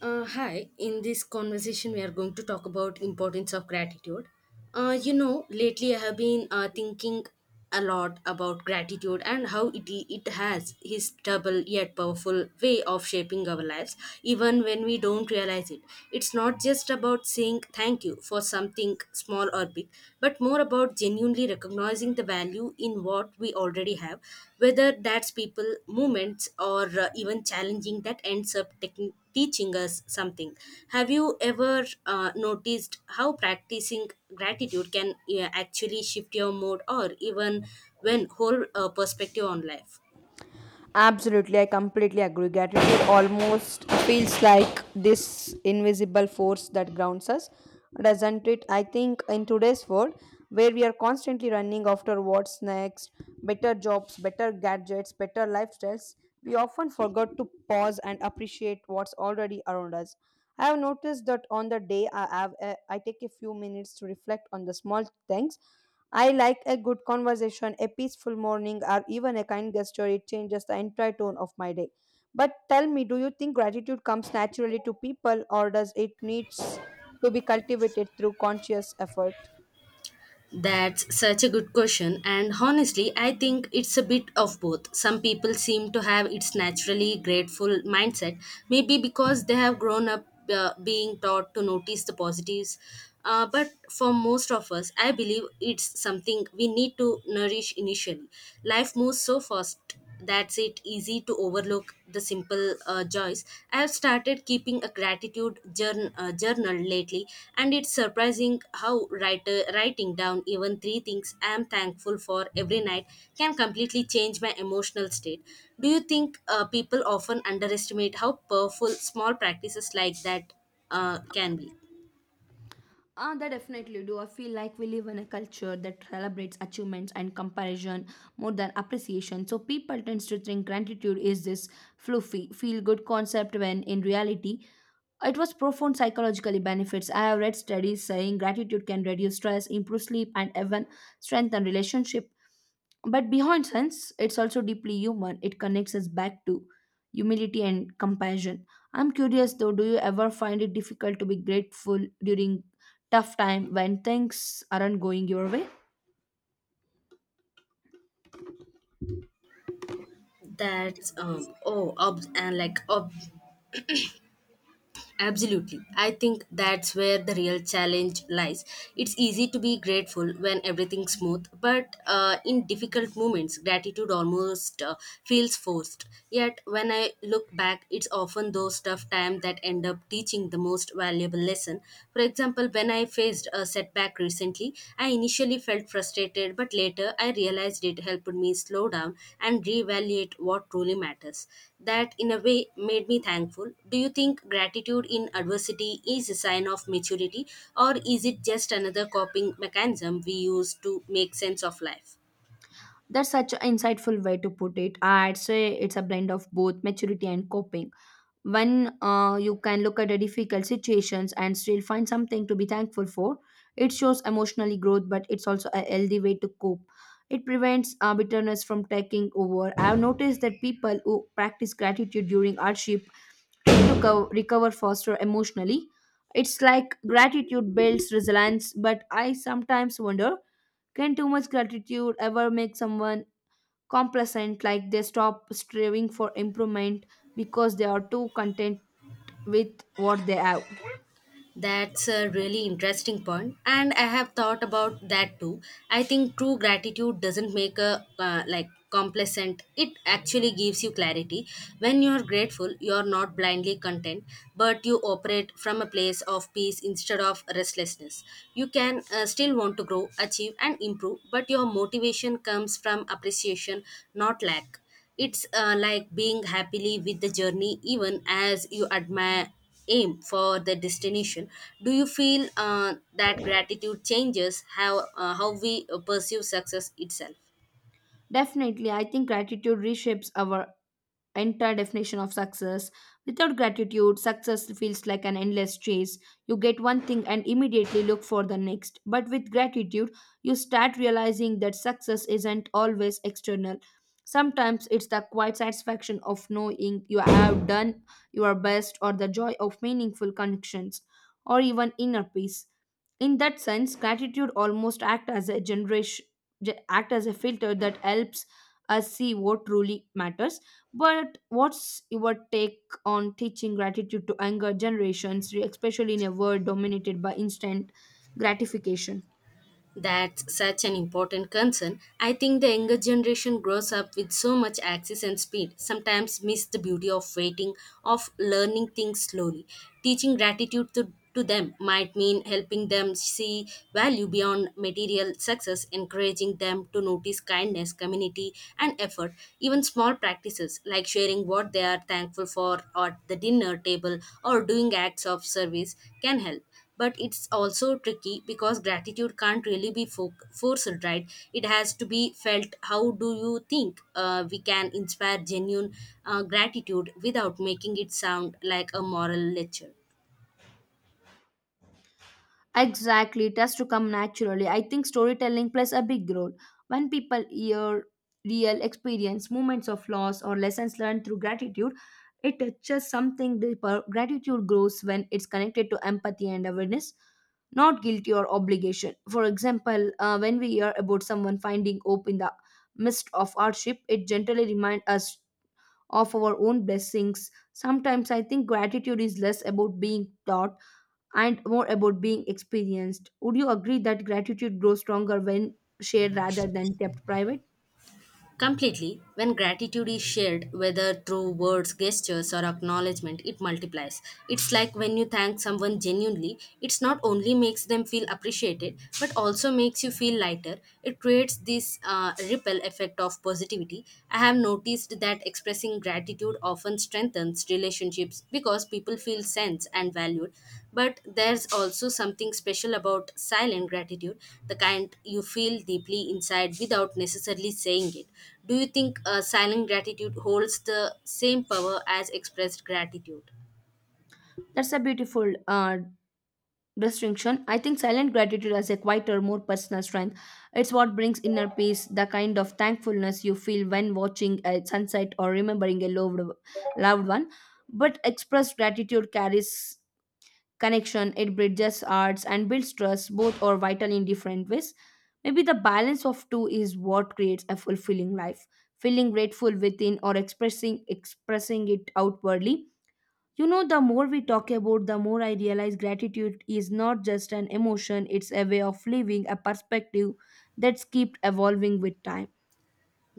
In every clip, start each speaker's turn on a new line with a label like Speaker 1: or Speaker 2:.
Speaker 1: Hi, in this conversation, we are going to talk about importance of gratitude. Lately I have been thinking a lot about gratitude and how it has his double yet powerful way of shaping our lives, even when we don't realize it. It's not just about saying thank you for something small or big, but more about genuinely recognizing the value in what we already have, whether that's people movements or even challenging that ends up teaching us something. Have you ever noticed how practicing gratitude can actually shift your mood or even when whole perspective on life?
Speaker 2: Absolutely, I completely agree. Gratitude almost feels like this invisible force that grounds us, doesn't it? I think in today's world, where we are constantly running after what's next, better jobs, better gadgets, better lifestyles, we often forget to pause and appreciate what's already around us. I have noticed that on the day I have, a, I take a few minutes to reflect on the small things. I like a good conversation, a peaceful morning, or even a kind gesture. It changes the entire tone of my day. But tell me, do you think gratitude comes naturally to people, or does it needs to be cultivated through conscious effort?
Speaker 1: That's such a good question, and honestly, I think it's a bit of both. Some people seem to have its naturally grateful mindset, maybe because they have grown up being taught to notice the positives. But for most of us, I believe it's something we need to nourish initially. Life moves so fast that's it easy to overlook the simple joys. I have started keeping a gratitude journal lately, and it's surprising how writing down even three things I am thankful for every night can completely change my emotional state. Do you think people often underestimate how powerful small practices like that can be?
Speaker 2: They definitely do. I feel like we live in a culture that celebrates achievements and comparison more than appreciation. So people tend to think gratitude is this fluffy, feel-good concept when in reality it was profound psychologically benefits. I have read studies saying gratitude can reduce stress, improve sleep, and even strengthen relationship. But behind sense, it's also deeply human. It connects us back to humility and compassion. I'm curious though, do you ever find it difficult to be grateful during tough time when things aren't going your way.
Speaker 1: That's um oh ob- and like ob- Absolutely. I think that's where the real challenge lies. It's easy to be grateful when everything's smooth, but in difficult moments, gratitude almost feels forced. Yet, when I look back, it's often those tough times that end up teaching the most valuable lesson. For example, when I faced a setback recently, I initially felt frustrated, but later I realized it helped me slow down and reevaluate what truly matters. That in a way made me thankful. Do you think gratitude in adversity is a sign of maturity, or is it just another coping mechanism we use to make sense of life?
Speaker 2: That's such an insightful way to put it. I'd say it's a blend of both maturity and coping. When you can look at the difficult situations and still find something to be thankful for, it shows emotionally growth, but it's also a healthy way to cope. It prevents bitterness from taking over. I've noticed that people who practice gratitude during hardship recover faster emotionally. It's like gratitude builds resilience, but I sometimes wonder, can too much gratitude ever make someone complacent, like they stop striving for improvement because they are too content with what they have?
Speaker 1: That's a really interesting point, and I have thought about that too. I think true gratitude doesn't make a like complacent. It actually gives you clarity. When you are grateful, you are not blindly content, but you operate from a place of peace instead of restlessness. You can still want to grow, achieve, and improve, but your motivation comes from appreciation, not lack. It's like being happily with the journey, even as you admire aim for the destination. Do you feel that gratitude changes how we perceive success itself?
Speaker 2: Definitely, I think gratitude reshapes our entire definition of success. Without gratitude, success feels like an endless chase. You get one thing and immediately look for the next. But with gratitude, you start realizing that success isn't always external. Sometimes it's the quiet satisfaction of knowing you have done your best or the joy of meaningful connections or even inner peace. In that sense, gratitude almost act as a filter that helps us see what truly matters. But what's your take on teaching gratitude to younger generations, especially in a world dominated by instant gratification?
Speaker 1: That's such an important concern. I think the younger generation grows up with so much access and speed, sometimes miss the beauty of waiting, of learning things slowly. Teaching gratitude to them might mean helping them see value beyond material success, encouraging them to notice kindness, community, and effort. Even small practices like sharing what they are thankful for at the dinner table or doing acts of service can help. But it's also tricky because gratitude can't really be forced, right? It has to be felt. How do you think we can inspire genuine gratitude without making it sound like a moral lecture?
Speaker 2: Exactly, it has to come naturally. I think storytelling plays a big role. When people hear real experience, moments of loss, or lessons learned through gratitude, it touches something deeper. Gratitude grows when it's connected to empathy and awareness, not guilty or obligation. For example, when we hear about someone finding hope in the midst of hardship, it generally reminds us of our own blessings. Sometimes I think gratitude is less about being taught and more about being experienced. Would you agree that gratitude grows stronger when shared rather than kept private?
Speaker 1: Completely, when gratitude is shared, whether through words, gestures, or acknowledgement, it multiplies. It's like when you thank someone genuinely, it's not only makes them feel appreciated, but also makes you feel lighter. It creates this ripple effect of positivity. I have noticed that expressing and gratitude often strengthens relationships because people feel sensed and valued. But there's also something special about silent gratitude, the kind you feel deeply inside without necessarily saying it. Do you think silent gratitude holds the same power as expressed gratitude?
Speaker 2: That's a beautiful distinction. I think silent gratitude has a quieter, more personal strength. It's what brings inner peace, the kind of thankfulness you feel when watching a sunset or remembering a loved one. But expressed gratitude carries connection. It bridges arts and builds trust. Both are vital in different ways. Maybe the balance of two is what creates a fulfilling life, feeling grateful within or expressing it outwardly. You know, the more we talk about, the more I realize gratitude is not just an emotion, it's a way of living, a perspective that's kept evolving with time.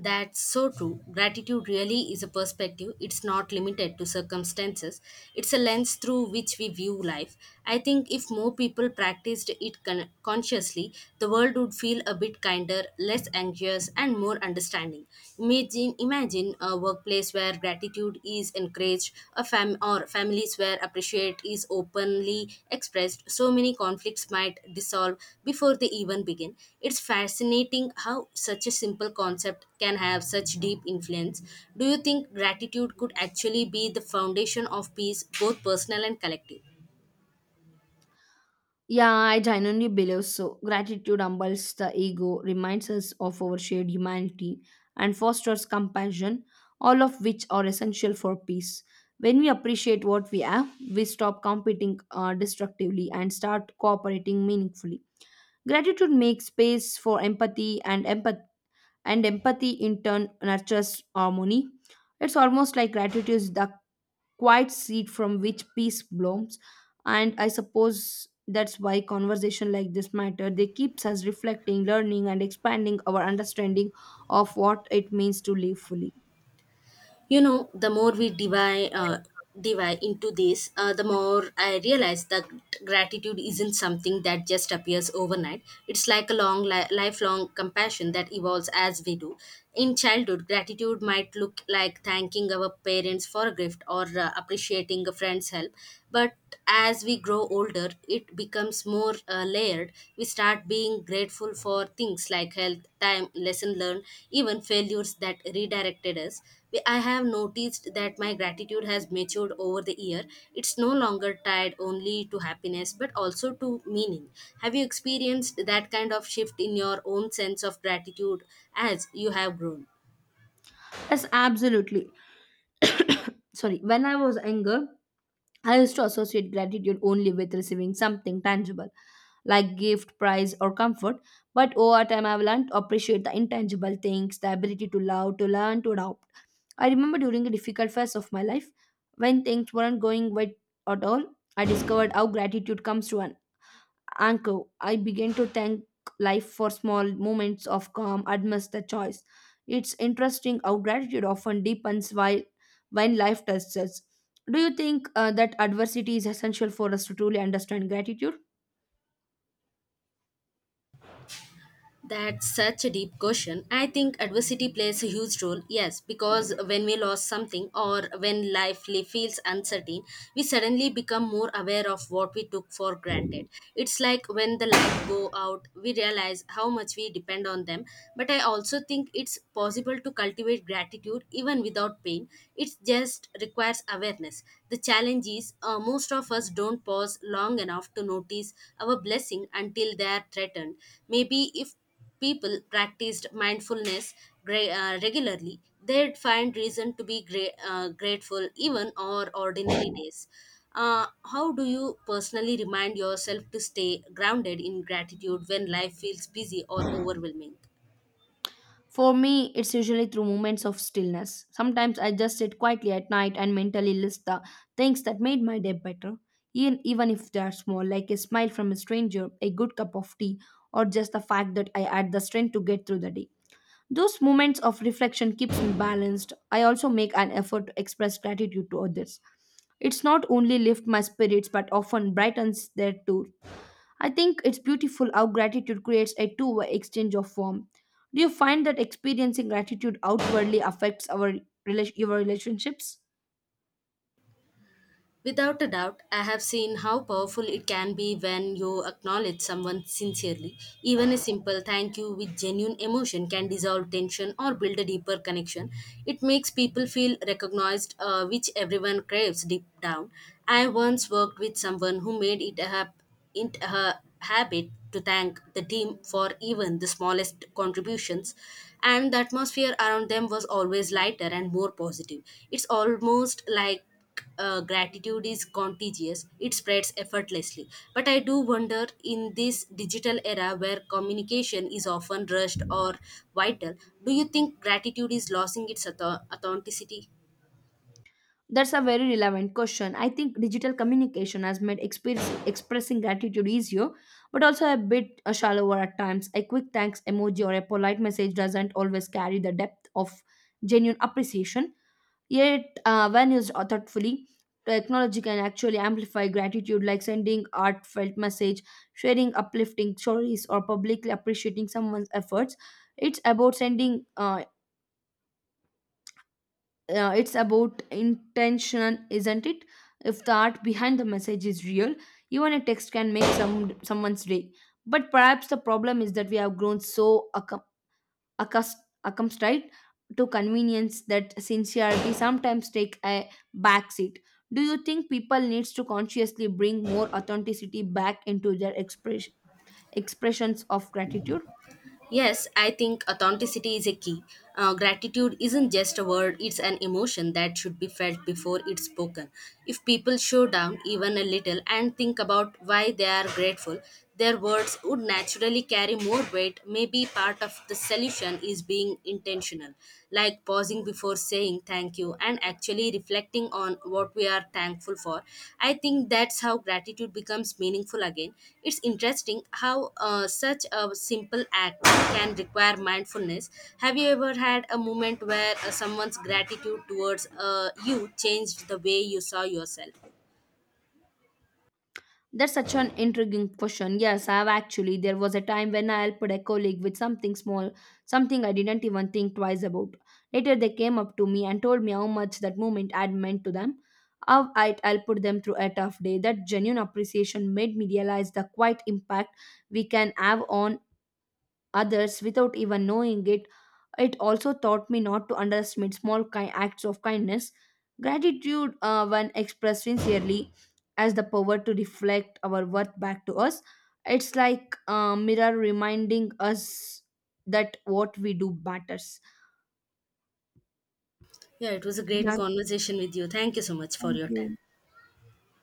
Speaker 1: That's so true. Gratitude really is a perspective. It's not limited to circumstances. It's a lens through which we view life. I think if more people practiced it consciously, the world would feel a bit kinder, less anxious, and more understanding. Imagine, imagine a workplace where gratitude is encouraged, a fam or families where appreciate is openly expressed. So many conflicts might dissolve before they even begin. It's fascinating how such a simple concept can have such deep influence. Do you think gratitude could actually be the foundation of peace, both personal and collective?
Speaker 2: Yeah, I genuinely believe so. Gratitude humbles the ego, reminds us of our shared humanity, and fosters compassion, all of which are essential for peace. When we appreciate what we have, we stop competing destructively and start cooperating meaningfully. Gratitude makes space for empathy, and empathy in turn nurtures harmony. It's almost like gratitude is the quiet seed from which peace blooms. And I suppose that's why conversation like this matter. They keeps us reflecting, learning, and expanding our understanding of what it means to live fully.
Speaker 1: You know, the more we divide into this, the more I realize that gratitude isn't something that just appears overnight. It's like a long, lifelong compassion that evolves as we do. In childhood, gratitude might look like thanking our parents for a gift or appreciating a friend's help, but as we grow older, it becomes more layered. We start being grateful for things like health, time, lesson learned, even failures that redirected us. I have noticed that my gratitude has matured over the year. It's no longer tied only to happiness but also to meaning. Have you experienced that kind of shift in your own sense of gratitude as you have grown?
Speaker 2: Yes, absolutely. Sorry, when I was younger, I used to associate gratitude only with receiving something tangible, like gift, prize, or comfort. But over time, I've learned to appreciate the intangible things, the ability to love, to learn, to adopt. I remember during a difficult phase of my life, when things weren't going well at all, I discovered how gratitude comes to an anchor. I began to thank life for small moments of calm amidst the choice. It's interesting how gratitude often deepens while when life tests us. Do you think that adversity is essential for us to truly understand gratitude?
Speaker 1: That's such a deep question. I think adversity plays a huge role, yes, because when we lose something or when life feels uncertain, we suddenly become more aware of what we took for granted. It's like when the light go out, we realize how much we depend on them. But I also think it's possible to cultivate gratitude even without pain. It just requires awareness. The challenge is most of us don't pause long enough to notice our blessing until they are threatened. Maybe if people practiced mindfulness regularly, they'd find reason to be grateful even on ordinary days. How do you personally remind yourself to stay grounded in gratitude when life feels busy or overwhelming?
Speaker 2: For me, it's usually through moments of stillness. Sometimes I just sit quietly at night and mentally list the things that made my day better, even if they are small, like a smile from a stranger, a good cup of tea, or just the fact that I had the strength to get through the day. Those moments of reflection keeps me balanced. I also make an effort to express gratitude to others. It's not only lift my spirits but often brightens their too. I think it's beautiful how gratitude creates a two-way exchange of warmth. Do you find that experiencing gratitude outwardly affects our rela- your relationships?
Speaker 1: Without a doubt, I have seen how powerful it can be when you acknowledge someone sincerely. Even a simple thank you with genuine emotion can dissolve tension or build a deeper connection. It makes people feel recognized, which everyone craves deep down. I once worked with someone who made it a hap- it her habit to thank the team for even the smallest contributions, and the atmosphere around them was always lighter and more positive. It's almost like gratitude is contagious, it spreads effortlessly. But I do wonder in this digital era where communication is often rushed or vital, do you think gratitude is losing its authenticity?
Speaker 2: That's a very relevant question. I think digital communication has made experience, expressing gratitude easier, but also a bit shallower at times. A quick thanks emoji or a polite message doesn't always carry the depth of genuine appreciation. Yet, when used thoughtfully, technology can actually amplify gratitude, like sending heartfelt message, sharing uplifting stories, or publicly appreciating someone's efforts. It's about sending It's about intention, isn't it? If the art behind the message is real, even a text can make someone's day. But perhaps the problem is that we have grown so accus- accustomed to convenience that sincerity sometimes take a backseat. Do you think people needs to consciously bring more authenticity back into their expressions of gratitude?
Speaker 1: Yes, I think authenticity is a key. Gratitude isn't just a word, it's an emotion that should be felt before it's spoken. If people show down even a little and think about why they are grateful, their words would naturally carry more weight. Maybe part of the solution is being intentional, like pausing before for saying thank you and actually reflecting on what we are thankful for. I think that's how gratitude becomes meaningful again. It's interesting how such a simple act can require mindfulness. Have you ever had a moment where someone's gratitude towards you changed the way you saw yourself?
Speaker 2: That's such an intriguing question. Yes, I've actually. There was a time when I helped a colleague with something small, something I didn't even think twice about. Later, they came up to me and told me how much that moment had meant to them, how I'd helped them through a tough day. That genuine appreciation made me realize the quiet impact we can have on others without even knowing it. It also taught me not to underestimate acts of kindness. Gratitude, when expressed sincerely, has the power to reflect our worth back to us. It's like a mirror reminding us that what we do matters.
Speaker 1: Yeah, it was a great
Speaker 2: Yeah,
Speaker 1: conversation with you. Thank you so much for
Speaker 2: thank
Speaker 1: your
Speaker 2: you.
Speaker 1: time.